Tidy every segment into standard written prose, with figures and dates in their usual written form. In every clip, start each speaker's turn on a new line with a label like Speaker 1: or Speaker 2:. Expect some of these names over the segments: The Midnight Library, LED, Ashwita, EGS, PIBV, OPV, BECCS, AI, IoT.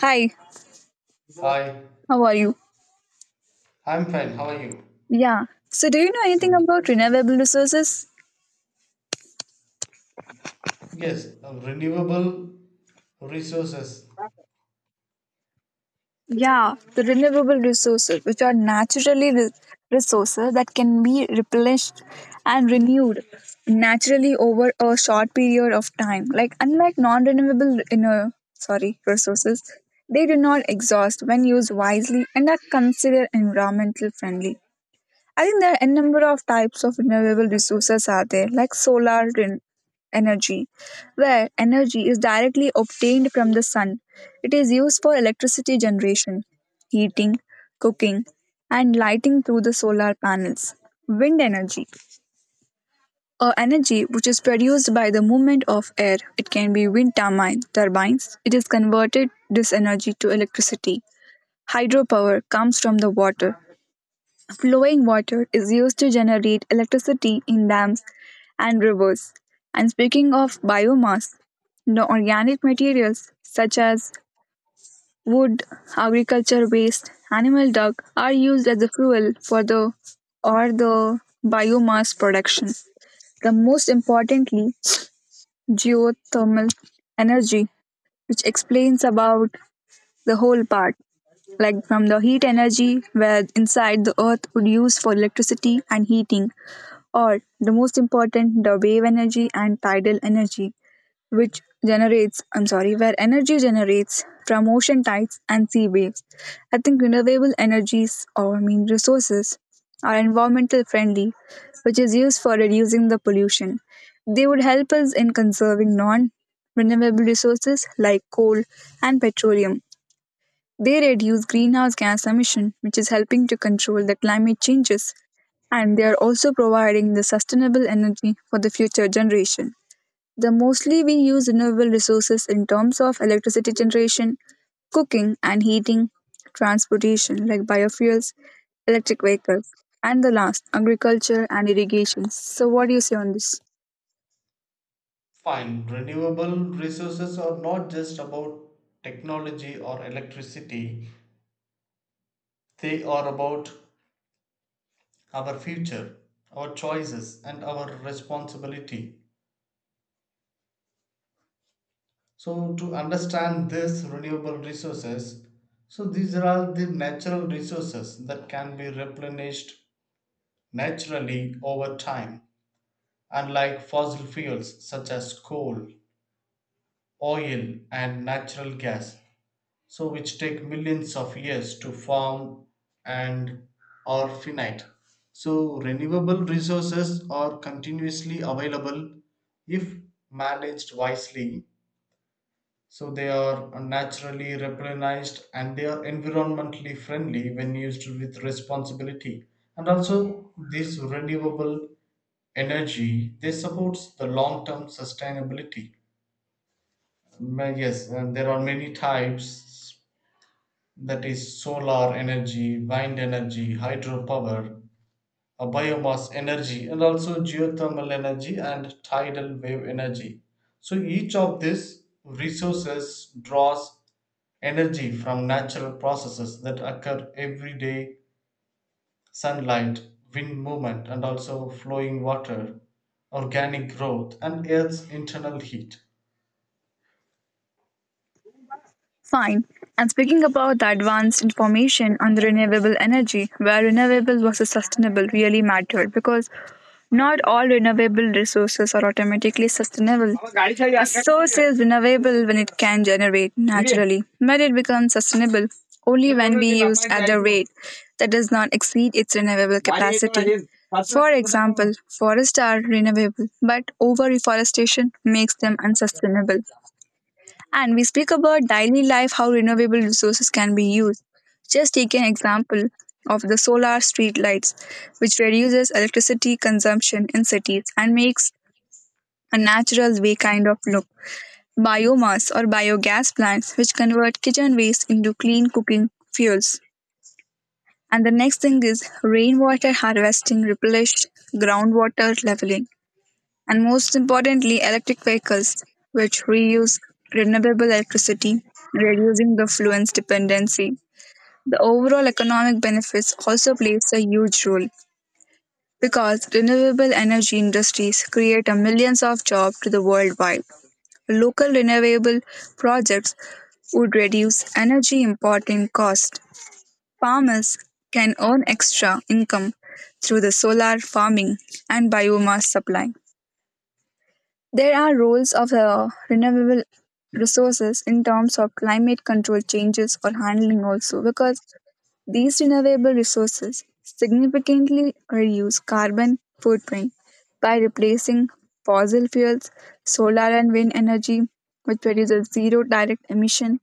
Speaker 1: Hi,
Speaker 2: Hi,
Speaker 1: how are you?
Speaker 2: I'm fine. How are you?
Speaker 1: Yeah. So, do you know anything
Speaker 2: Good.
Speaker 1: about renewable resources?
Speaker 2: Yes, renewable resources.
Speaker 1: Yeah, the renewable resources, which are naturally resources that can be replenished and renewed naturally over a short period of time. Like unlike non-renewable, sorry, resources, they do not exhaust when used wisely and are considered environmental friendly. I think there are a number of types of renewable resources are there, like energy, where energy is directly obtained from the sun. It is used for electricity generation, heating, cooking, and lighting through the solar panels. Wind energy, or energy which is produced by the movement of air. It can be turbines. It is converted this energy to electricity. Hydropower comes from the water. Flowing water is used to generate electricity in dams and rivers. And speaking of biomass, the organic materials such as wood, agriculture waste, animal dung are used as a fuel for the biomass production. The most importantly, geothermal energy, which explains about the whole part, like from the heat energy where inside the earth would use for electricity and heating or the most important the wave energy and tidal energy which generates I'm sorry where energy generates from ocean tides and sea waves. I think renewable energies or I mean resources are environmental friendly, which is used for reducing the pollution. They would help us in conserving non renewable resources like coal and petroleum. They reduce greenhouse gas emission, which is helping to control the climate changes, and they are also providing the sustainable energy for the future generation. The mostly we use renewable resources in terms of electricity generation, cooking and heating, transportation like biofuels, electric vehicles, and the last, agriculture and irrigation. So, what do you say on this?
Speaker 2: Fine. Renewable resources are not just about technology or electricity, they are about our future, our choices, and our responsibility. So, to understand this renewable resources, so these are the natural resources that can be replenished naturally over time, unlike fossil fuels such as coal, oil, and natural gas, so which take millions of years to form and are finite. So renewable resources are continuously available if managed wisely. So they are naturally replenished and they are environmentally friendly when used with responsibility. And also this renewable energy, they supports the long term sustainability. Yes, and there are many types, that is solar energy, wind energy, hydropower, biomass energy, and also geothermal energy and tidal wave energy. So each of these resources draws energy from natural processes that occur every day: sunlight, wind movement, and also flowing water, organic growth, and Earth's internal heat.
Speaker 1: Fine. And speaking about the advanced information on the renewable energy, where renewable versus sustainable really mattered because not all renewable resources are automatically sustainable. A source is renewable when it can generate naturally, but it becomes sustainable only when we use at the rate that does not exceed its renewable capacity. For example, forests are renewable, but over reforestation makes them unsustainable. And we speak about daily life, how renewable resources can be used. Just take an example of the solar street lights, which reduces electricity consumption in cities and makes a natural way kind of look. Biomass or biogas plants, which convert kitchen waste into clean cooking fuels. And the next thing is rainwater harvesting, replenish groundwater leveling, and most importantly, electric vehicles, which reuse renewable electricity, reducing the fluence dependency. The overall economic benefits also plays a huge role because renewable energy industries create a millions of jobs to the worldwide. Local renewable projects would reduce energy importing cost. Farmers can earn extra income through the solar farming and biomass supply. There are roles of renewable resources in terms of climate control changes or handling also because these renewable resources significantly reduce carbon footprint by replacing fossil fuels, solar and wind energy, which produces zero direct emission,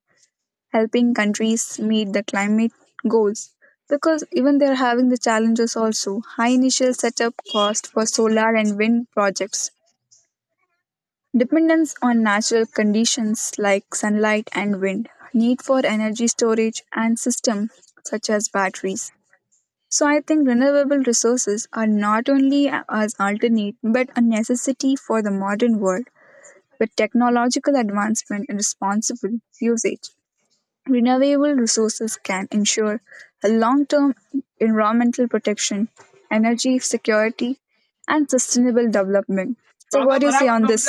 Speaker 1: helping countries meet the climate goals. Because even they're having the challenges also, high initial setup cost for solar and wind projects. Dependence on natural conditions like sunlight and wind, need for energy storage and systems such as batteries. So I think renewable resources are not only as alternate but a necessity for the modern world with technological advancement and responsible usage. Renewable resources can ensure a long-term environmental protection, energy security and sustainable development. So what do you say on this?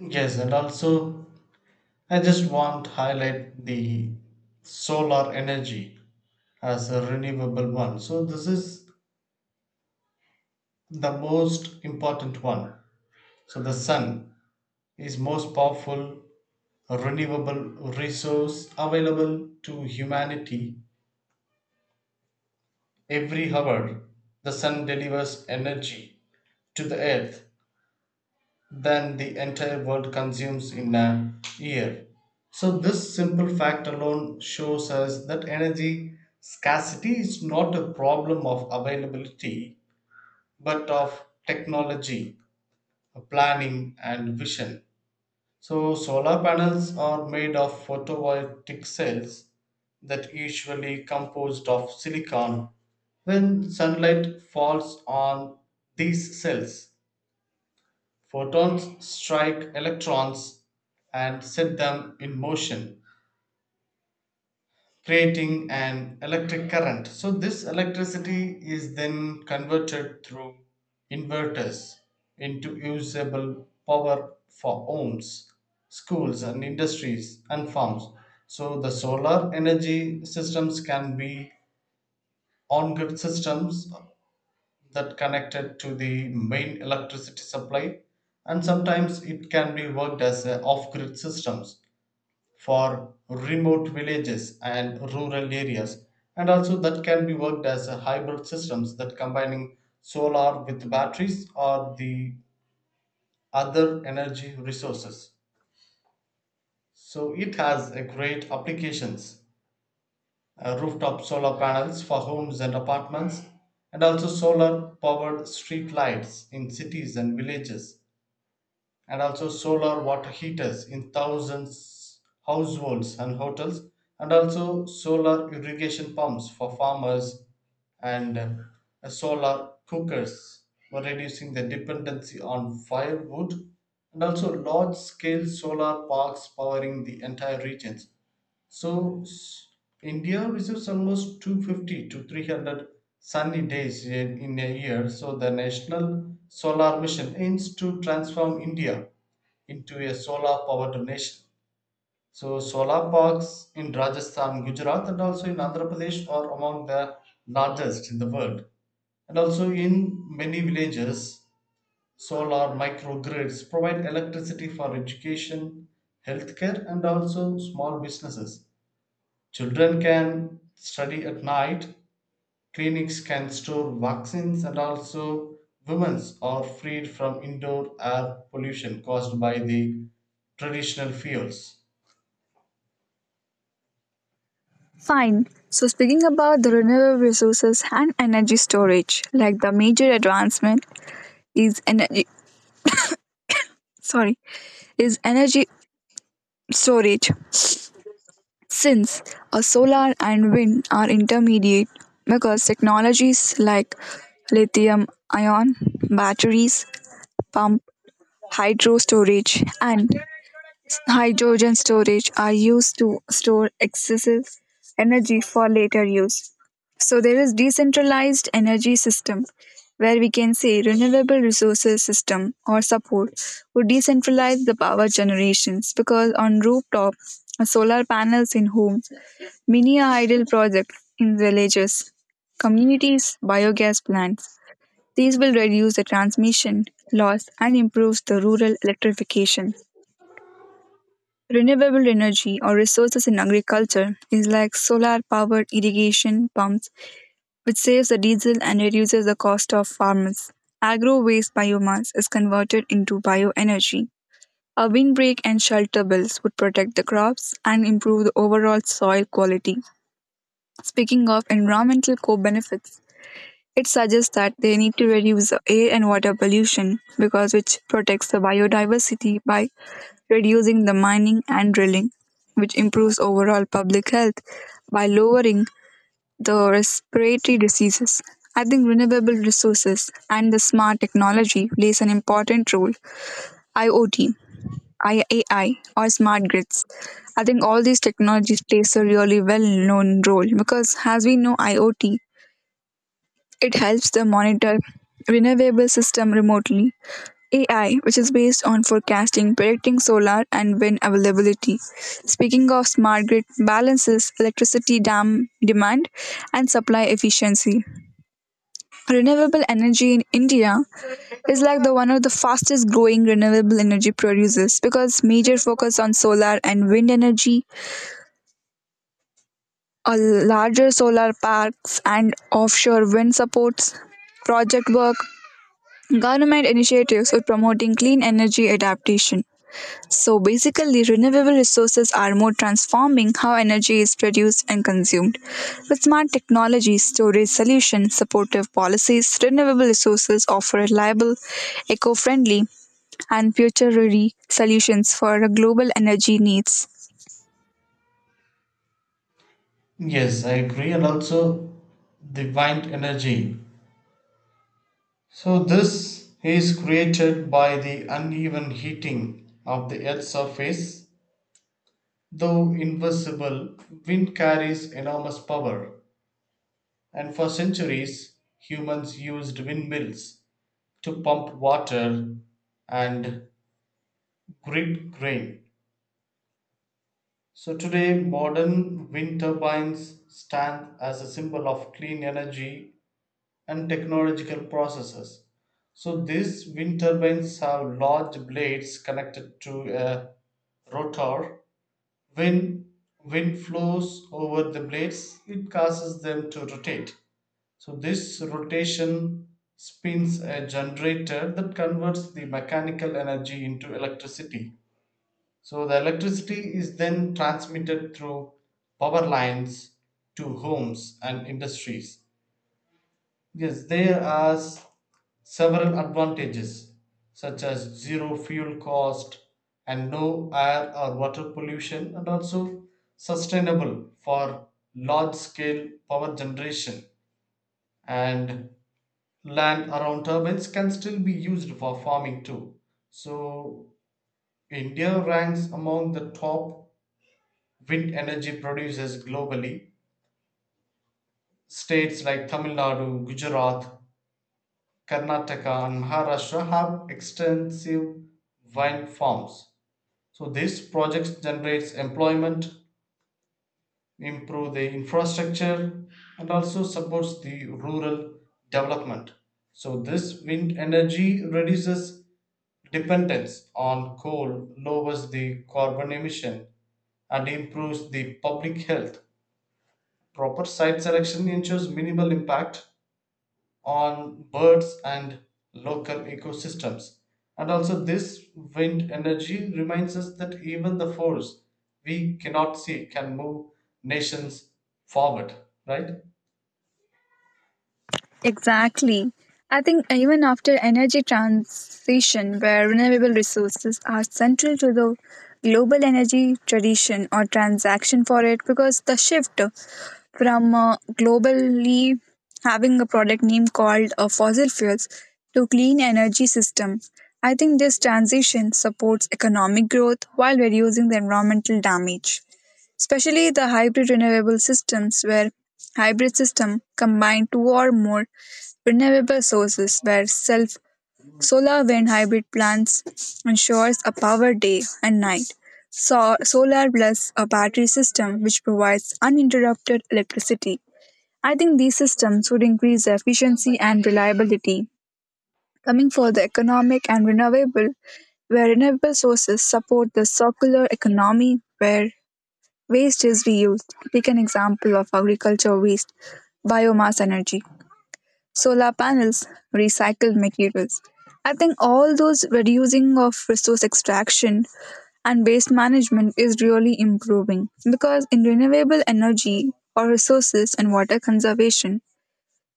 Speaker 2: Yes, and also I just want to highlight the solar energy as a renewable one. So this is the most important one. So the sun is most powerful renewable resource available to humanity. Every hour, the sun delivers energy to the earth than the entire world consumes in a year. So, this simple fact alone shows us that energy scarcity is not a problem of availability but of technology, planning, and vision. So, solar panels are made of photovoltaic cells that usually composed of silicon. When sunlight falls on these cells, photons strike electrons and set them in motion, creating an electric current. So, this electricity is then converted through inverters into usable power for homes, schools, and industries and farms. So, the solar energy systems can be on grid systems that connected to the main electricity supply, and sometimes it can be worked as a off-grid systems for remote villages and rural areas, and also that can be worked as a hybrid systems that combining solar with batteries or the other energy resources. So it has a great applications: rooftop solar panels for homes and apartments, and also solar powered street lights in cities and villages, and also solar water heaters in thousands households and hotels, and also solar irrigation pumps for farmers, and solar cookers for reducing the dependency on firewood, and also large scale solar parks powering the entire regions. so s- India receives almost 250 to 300 sunny days in a year. So the National Solar Mission aims to transform India into a solar powered nation. So solar parks in Rajasthan, Gujarat, and also in Andhra Pradesh are among the largest in the world. And also in many villages, solar microgrids provide electricity for education, healthcare, and also small businesses. Children can study at night, clinics can store vaccines, and also women are freed from indoor air pollution caused by the traditional fuels.
Speaker 1: Fine. So, speaking about the renewable resources and energy storage, like the major advancement is energy. Sorry, is energy storage. Since a solar and wind are intermediate, because technologies like lithium ion batteries, pump, hydro storage, and hydrogen storage are used to store excessive energy for later use. So there is decentralized energy system where we can say renewable resources system or support would decentralize the power generations because on rooftop solar panels in homes, mini idle projects in villages, communities, biogas plants. These will reduce the transmission loss and improves the rural electrification. Renewable energy or resources in agriculture is like solar powered irrigation pumps, which saves the diesel and reduces the cost of farmers. Agro waste biomass is converted into bioenergy. A windbreak and shelter bills would protect the crops and improve the overall soil quality. Speaking of environmental co benefits, it suggests that they need to reduce air and water pollution because which protects the biodiversity by reducing the mining and drilling, which improves overall public health by lowering the respiratory diseases. I think renewable resources and the smart technology plays an important role. IoT, AI, or smart grids. I think all these technologies plays a really well-known role because as we know, IoT it helps them monitor renewable system remotely. AI, which is based on forecasting, predicting solar and wind availability. Speaking of smart grid, balances electricity dam demand and supply efficiency. Renewable energy in India is like the one of the fastest growing renewable energy producers because major focus on solar and wind energy, a larger solar parks and offshore wind supports, project work government initiatives are promoting clean energy adaptation. So basically, renewable resources are more transforming how energy is produced and consumed. With smart technology, storage solutions, supportive policies, renewable resources offer reliable, eco friendly, and future ready solutions for global energy needs.
Speaker 2: Yes, I agree, and also the wind energy. So, this is created by the uneven heating of the Earth's surface. Though invisible, wind carries enormous power, and for centuries, humans used windmills to pump water and grip grain. So today, modern wind turbines stand as a symbol of clean energy and technological processes. So these wind turbines have large blades connected to a rotor. When wind flows over the blades, it causes them to rotate. So this rotation spins a generator that converts the mechanical energy into electricity. So the electricity is then transmitted through power lines to homes and industries. Yes, there are several advantages such as zero fuel cost and no air or water pollution, and also sustainable for large scale power generation, and land around turbines can still be used for farming too. So, India ranks among the top wind energy producers globally. States like Tamil Nadu, Gujarat, Karnataka, and Maharashtra have extensive wind farms. So, these projects generates employment, improve the infrastructure, and also supports the rural development. So this wind energy reduces dependence on coal, lowers the carbon emission, and improves the public health. Proper site selection ensures minimal impact on birds and local ecosystems. And also, this wind energy reminds us that even the force we cannot see can move nations forward, right?
Speaker 1: Exactly. I think even after energy transition, where renewable resources are central to the global energy tradition or transaction for it, because the shift from globally having a product name called fossil fuels to clean energy system, I think this transition supports economic growth while reducing the environmental damage, especially the hybrid renewable systems where hybrid system combine two or more renewable sources where self solar wind hybrid plants ensures a power day and night. So, solar plus a battery system which provides uninterrupted electricity. I think these systems would increase the efficiency and reliability. Coming for the economic and renewable, where renewable sources support the circular economy where waste is reused. Take an example of agriculture waste, biomass energy, solar panels, recycled materials. I think all those reducing of resource extraction and waste management is really improving because in renewable energy or resources and water conservation,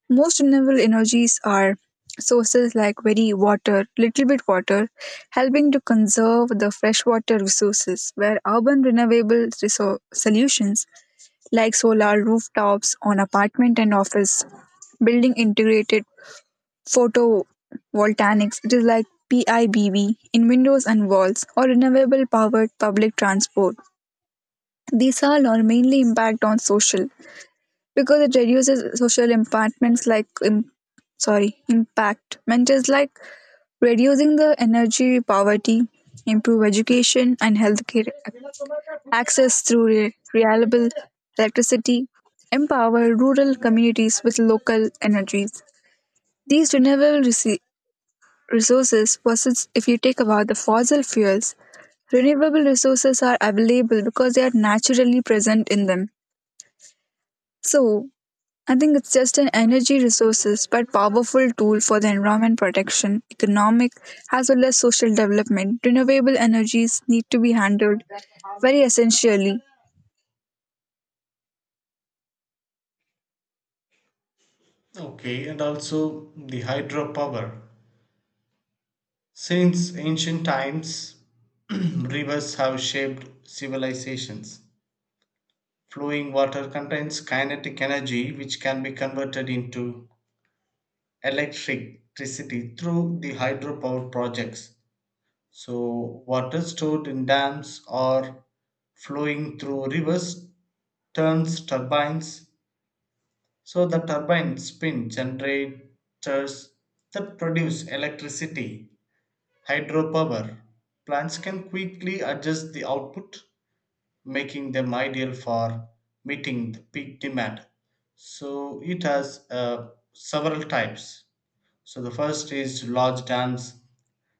Speaker 1: most renewable energies are sources like very water, little bit water, helping to conserve the freshwater resources, where solutions like solar rooftops on apartment and office, building integrated photovoltaics, it is like PIBV in windows and walls, or renewable powered public transport. These all are mainly impact on social because it reduces social sorry impact mentors like reducing the energy poverty, improve education and healthcare access through reliable electricity, empower rural communities with local energies. These renewable resources versus if you take about the fossil fuels, renewable resources are available because they are naturally present in them. So I think it's just an energy resources but powerful tool for the environment protection, economic as well as social development. Renewable energies need to be handled very essentially.
Speaker 2: Okay, and also the hydropower. Since ancient times, rivers have shaped civilizations. Flowing water contains kinetic energy which can be converted into electricity through the hydropower projects. So, water stored in dams or flowing through rivers turns turbines. So, the turbines spin generators that produce electricity, hydropower. Plants can quickly adjust the output, making them ideal for meeting the peak demand. So, it has several types. So, the first is large dams,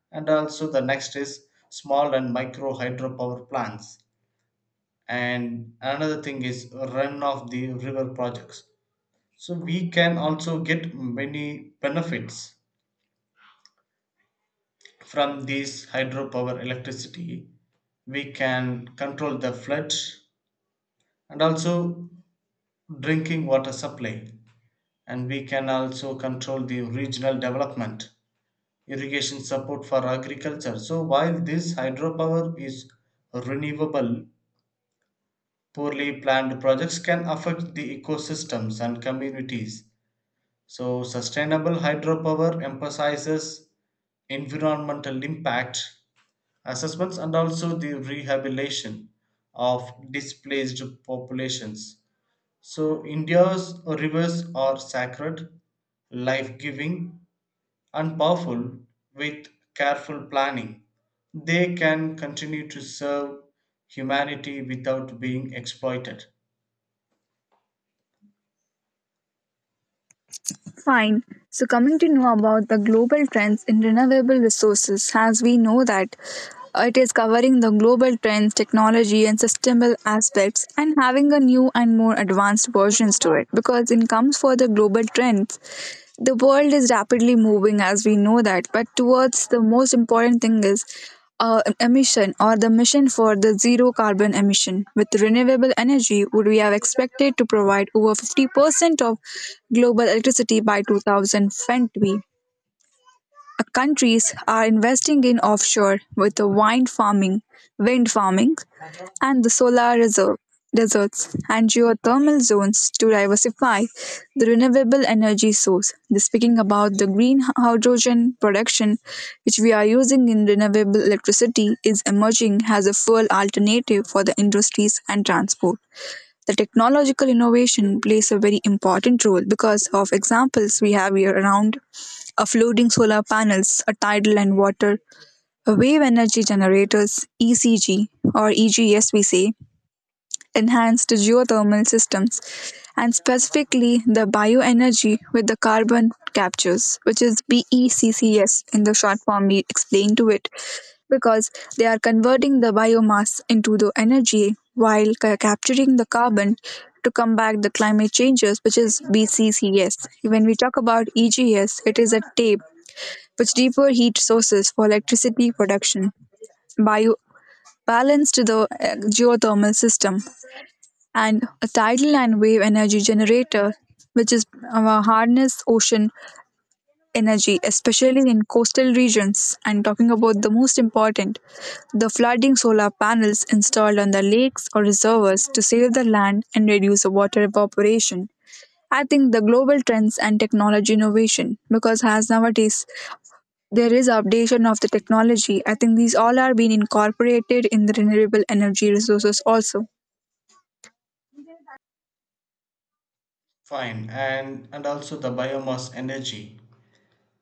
Speaker 2: and also the next is small and micro hydropower plants, and another thing is run of the river projects. So we can also get many benefits from these hydropower electricity. We can control the flood, and also drinking water supply, and we can also control the regional development, irrigation support for agriculture. So while this hydropower is renewable, poorly planned projects can affect the ecosystems and communities. So, sustainable hydropower emphasizes environmental impact assessments, and also the rehabilitation of displaced populations. So, India's rivers are sacred, life giving, and powerful. With careful planning, they can continue to serve humanity without being exploited.
Speaker 1: Fine. So coming to know about the global trends in renewable resources as we know that it is covering the global trends, technology, and sustainable aspects, and having a new and more advanced versions to it because it comes for the global trends. The world is rapidly moving, as we know that, but towards the most important thing is emission or the mission for the zero carbon emission. With renewable energy, would we have expected to provide over 50% of global electricity by 2020? Countries are investing in offshore with the wind farming, and the solar reserve deserts and geothermal zones to diversify the renewable energy source. This speaking about the green hydrogen production, which we are using in renewable electricity, is emerging as a fuel alternative for the industries and transport. The technological innovation plays a very important role because of examples we have here around of floating solar panels, a tidal and water, wave energy generators, ECG or EGS we say, enhanced geothermal systems, and specifically the bioenergy with the carbon captures, which is BECCS in the short form we explain to it, because they are converting the biomass into the energy while capturing the carbon to combat the climate changes, which is BCCS. When we talk about EGS, it is a tape which deeper heat sources for electricity production. Bio balanced the geothermal system and a tidal and wave energy generator, which is harness ocean energy, especially in coastal regions. And talking about the most important, the flooding solar panels installed on the lakes or reservoirs to save the land and reduce the water evaporation. I think the global trends and technology innovation, because as nowadays there is updation of the technology, I think these all are being incorporated in the renewable energy resources also.
Speaker 2: Fine, and also the biomass energy,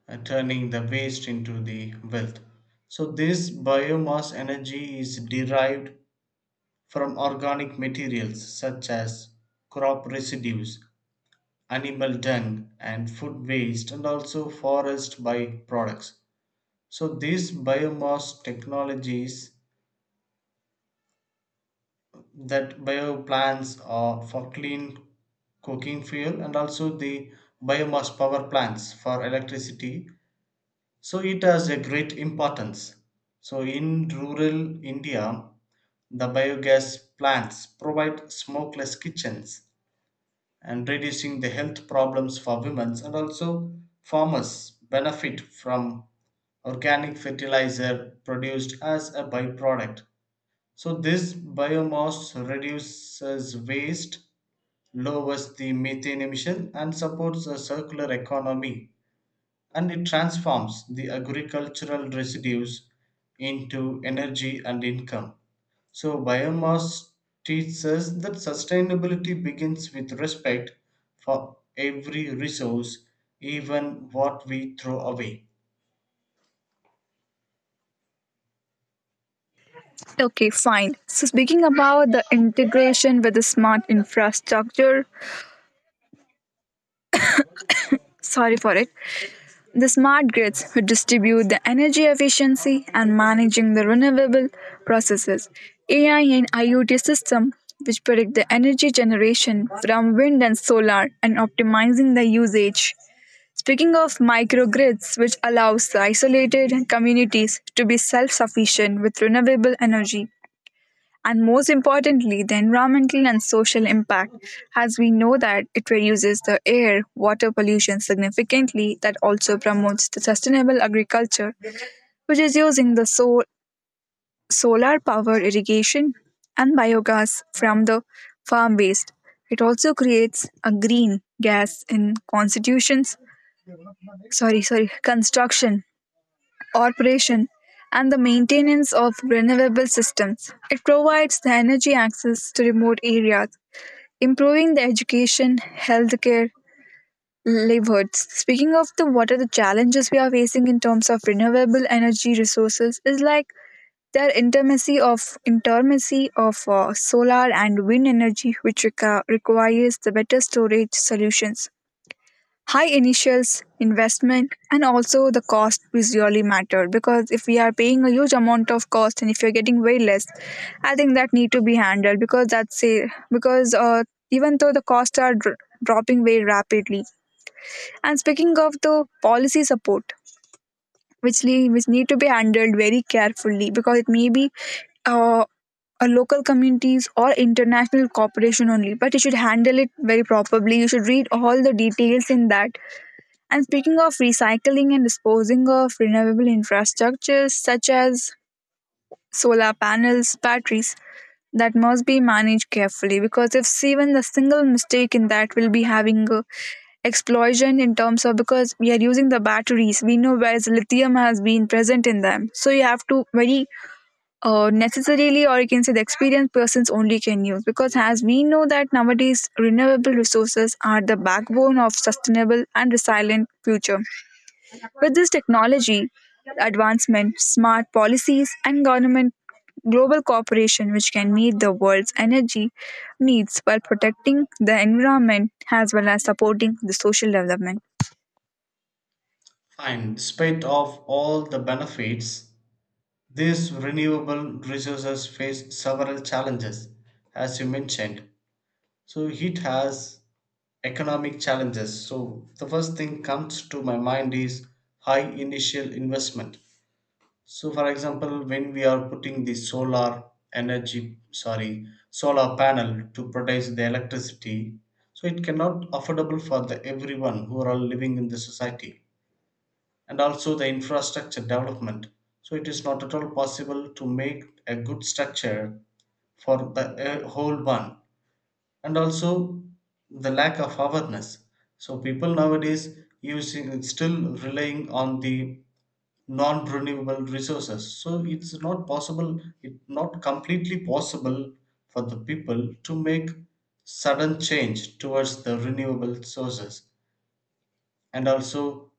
Speaker 2: turning the waste into the wealth. So this biomass energy is derived from organic materials such as crop residues, animal dung, and food waste, and also forest byproducts. So these biomass technologies, that bio plants are for clean cooking fuel, and also the biomass power plants for electricity. So it has a great importance. So in rural India, the biogas plants provide smokeless kitchens and reducing the health problems for women, and also farmers benefit from organic fertilizer produced as a byproduct. So this biomass reduces waste, lowers the methane emission, and supports a circular economy, and it transforms the agricultural residues into energy and income. So, biomass teaches us that sustainability begins with respect for every resource, even what we throw away.
Speaker 1: Okay, fine. So, speaking about the integration with the smart infrastructure, sorry for it, the smart grids would distribute the energy efficiency and managing the renewable processes. AI and IoT system which predict the energy generation from wind and solar and optimizing the usage. Speaking of microgrids, which allows the isolated communities to be self sufficient with renewable energy, and most importantly, the environmental and social impact, as we know that it reduces the air water pollution significantly, that also promotes the sustainable agriculture, which is using the solar power irrigation and biogas from the farm waste. It also creates a green gas in constitutions, sorry, sorry, construction, operation, and the maintenance of renewable systems. It provides the energy access to remote areas improving the education, healthcare, livelihoods. Speaking of the what are the challenges we are facing in terms of renewable energy resources is like their intermacy of solar and wind energy, which requires the better storage solutions, high initials investment, and also the cost is really matter, because if we are paying a huge amount of cost and if you're getting way less, I think that need to be handled because that's a, because even though the costs are dropping very rapidly. And speaking of the policy support which, which need to be handled very carefully, because it may be uh, a local communities or international cooperation only, but you should handle it very properly, you should read all the details in that. And speaking of recycling and disposing of renewable infrastructures such as solar panels, batteries, that must be managed carefully, because if even the single mistake in that will be having a explosion, in terms of, because we are using the batteries, we know whereas lithium has been present in them, so you have to very necessarily, or you can say the experienced persons only can use, because as we know that nowadays renewable resources are the backbone of sustainable and resilient future with this technology advancement, smart policies, and government global cooperation which can meet the world's energy needs while protecting the environment as well as supporting the social development.
Speaker 2: And despite of all the benefits, these renewable resources face several challenges, as you mentioned. So, it has economic challenges. So the first thing comes to my mind is high initial investment. So for example, when we are putting the solar energy, sorry, solar panel to produce the electricity, so it cannot affordable for the everyone who are all living in the society. And also the infrastructure development, so it is not at all possible to make a good structure for the whole one. And also the lack of awareness. So people nowadays using still relying on the non-renewable resources. So it's not possible, it not completely possible for the people to make sudden change towards the renewable sources. And also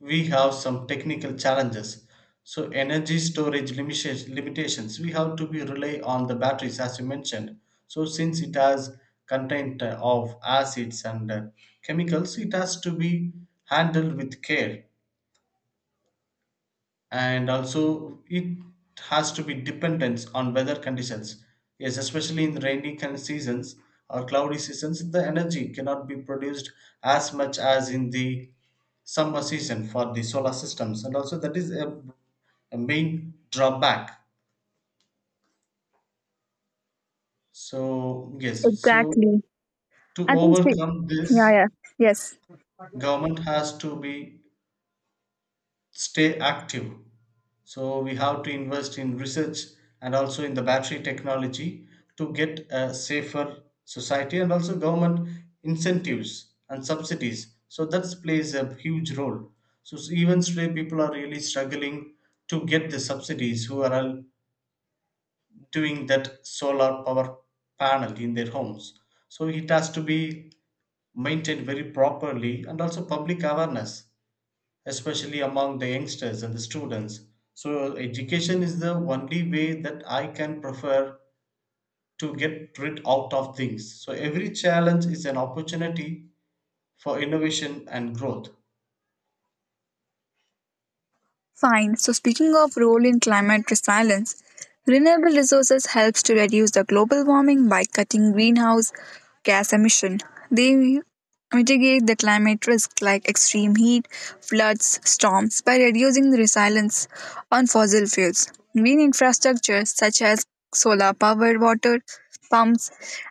Speaker 2: we have some technical challenges. So energy storage limitations, we have to be rely on the batteries, as you mentioned. So since it has content of acids and chemicals, it has to be handled with care. And also it has to be dependence on weather conditions, yes, especially in rainy seasons or cloudy seasons. The energy cannot be produced as much as in the summer season for the solar systems, and also that is a main drawback. So, yes, so
Speaker 1: Exactly.
Speaker 2: to
Speaker 1: I think,
Speaker 2: overcome this,
Speaker 1: yeah, yeah, yes.
Speaker 2: government has to be stay active. So we have to invest in research and also in the battery technology to get a safer society, and also government incentives and subsidies. So that plays a huge role. Even stray people are really struggling to get the subsidies who are all doing that solar power panel in their homes. So it has to be maintained very properly, and also public awareness, especially among the youngsters and the students. So, education is the only way that I can prefer to get rid out of things. So, every challenge is an opportunity for innovation and growth.
Speaker 1: Fine. So speaking of role in climate resilience, renewable resources helps to reduce the global warming by cutting greenhouse gas emission. They mitigate the climate risk like extreme heat, floods, storms by reducing the reliance on fossil fuels. Green infrastructure such as solar powered water pumps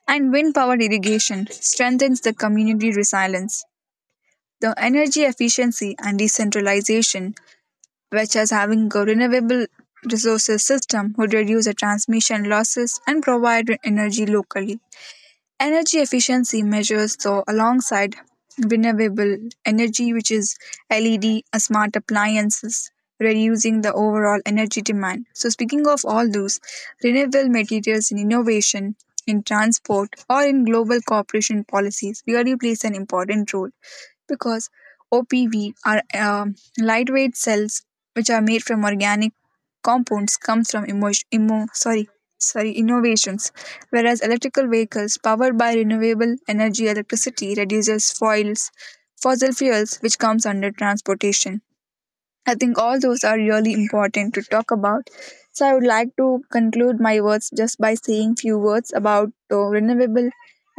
Speaker 1: and wind powered irrigation strengthens the community resilience. The energy efficiency and decentralization, which as having a renewable resources system would reduce the transmission losses and provide energy locally. Energy efficiency measures, so alongside renewable energy which is LED, smart appliances, reducing the overall energy demand. So speaking of all those renewable materials in innovation, in transport, or in global cooperation policies really plays an important role, because OPV are lightweight cells which are made from organic compounds, comes from innovations, whereas electrical vehicles powered by renewable energy electricity reduces fossil fuels, which comes under transportation. I think all those are really important to talk about. So I would like to conclude my words just by saying few words about renewable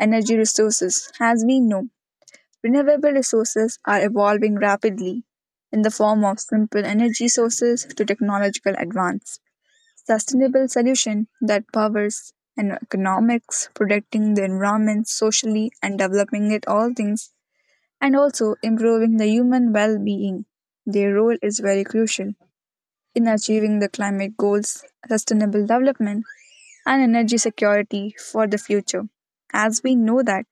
Speaker 1: energy resources. As we know, renewable resources are evolving rapidly in the form of simple energy sources to technological advance sustainable solution that powers and economics, protecting the environment socially and developing it all things, and also improving the human well being. Their role is very crucial in achieving the climate goals, sustainable development, and energy security for the future. As we know that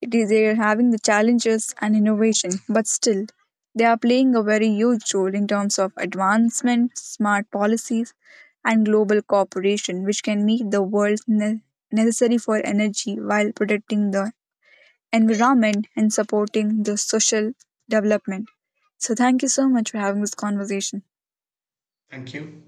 Speaker 1: it is they are having the challenges and innovation, but still they are playing a very huge role in terms of advancement, smart policies, and global cooperation, which can meet the world necessary for energy while protecting the environment and supporting the social development. So, thank you so much for having this conversation.
Speaker 2: Thank you.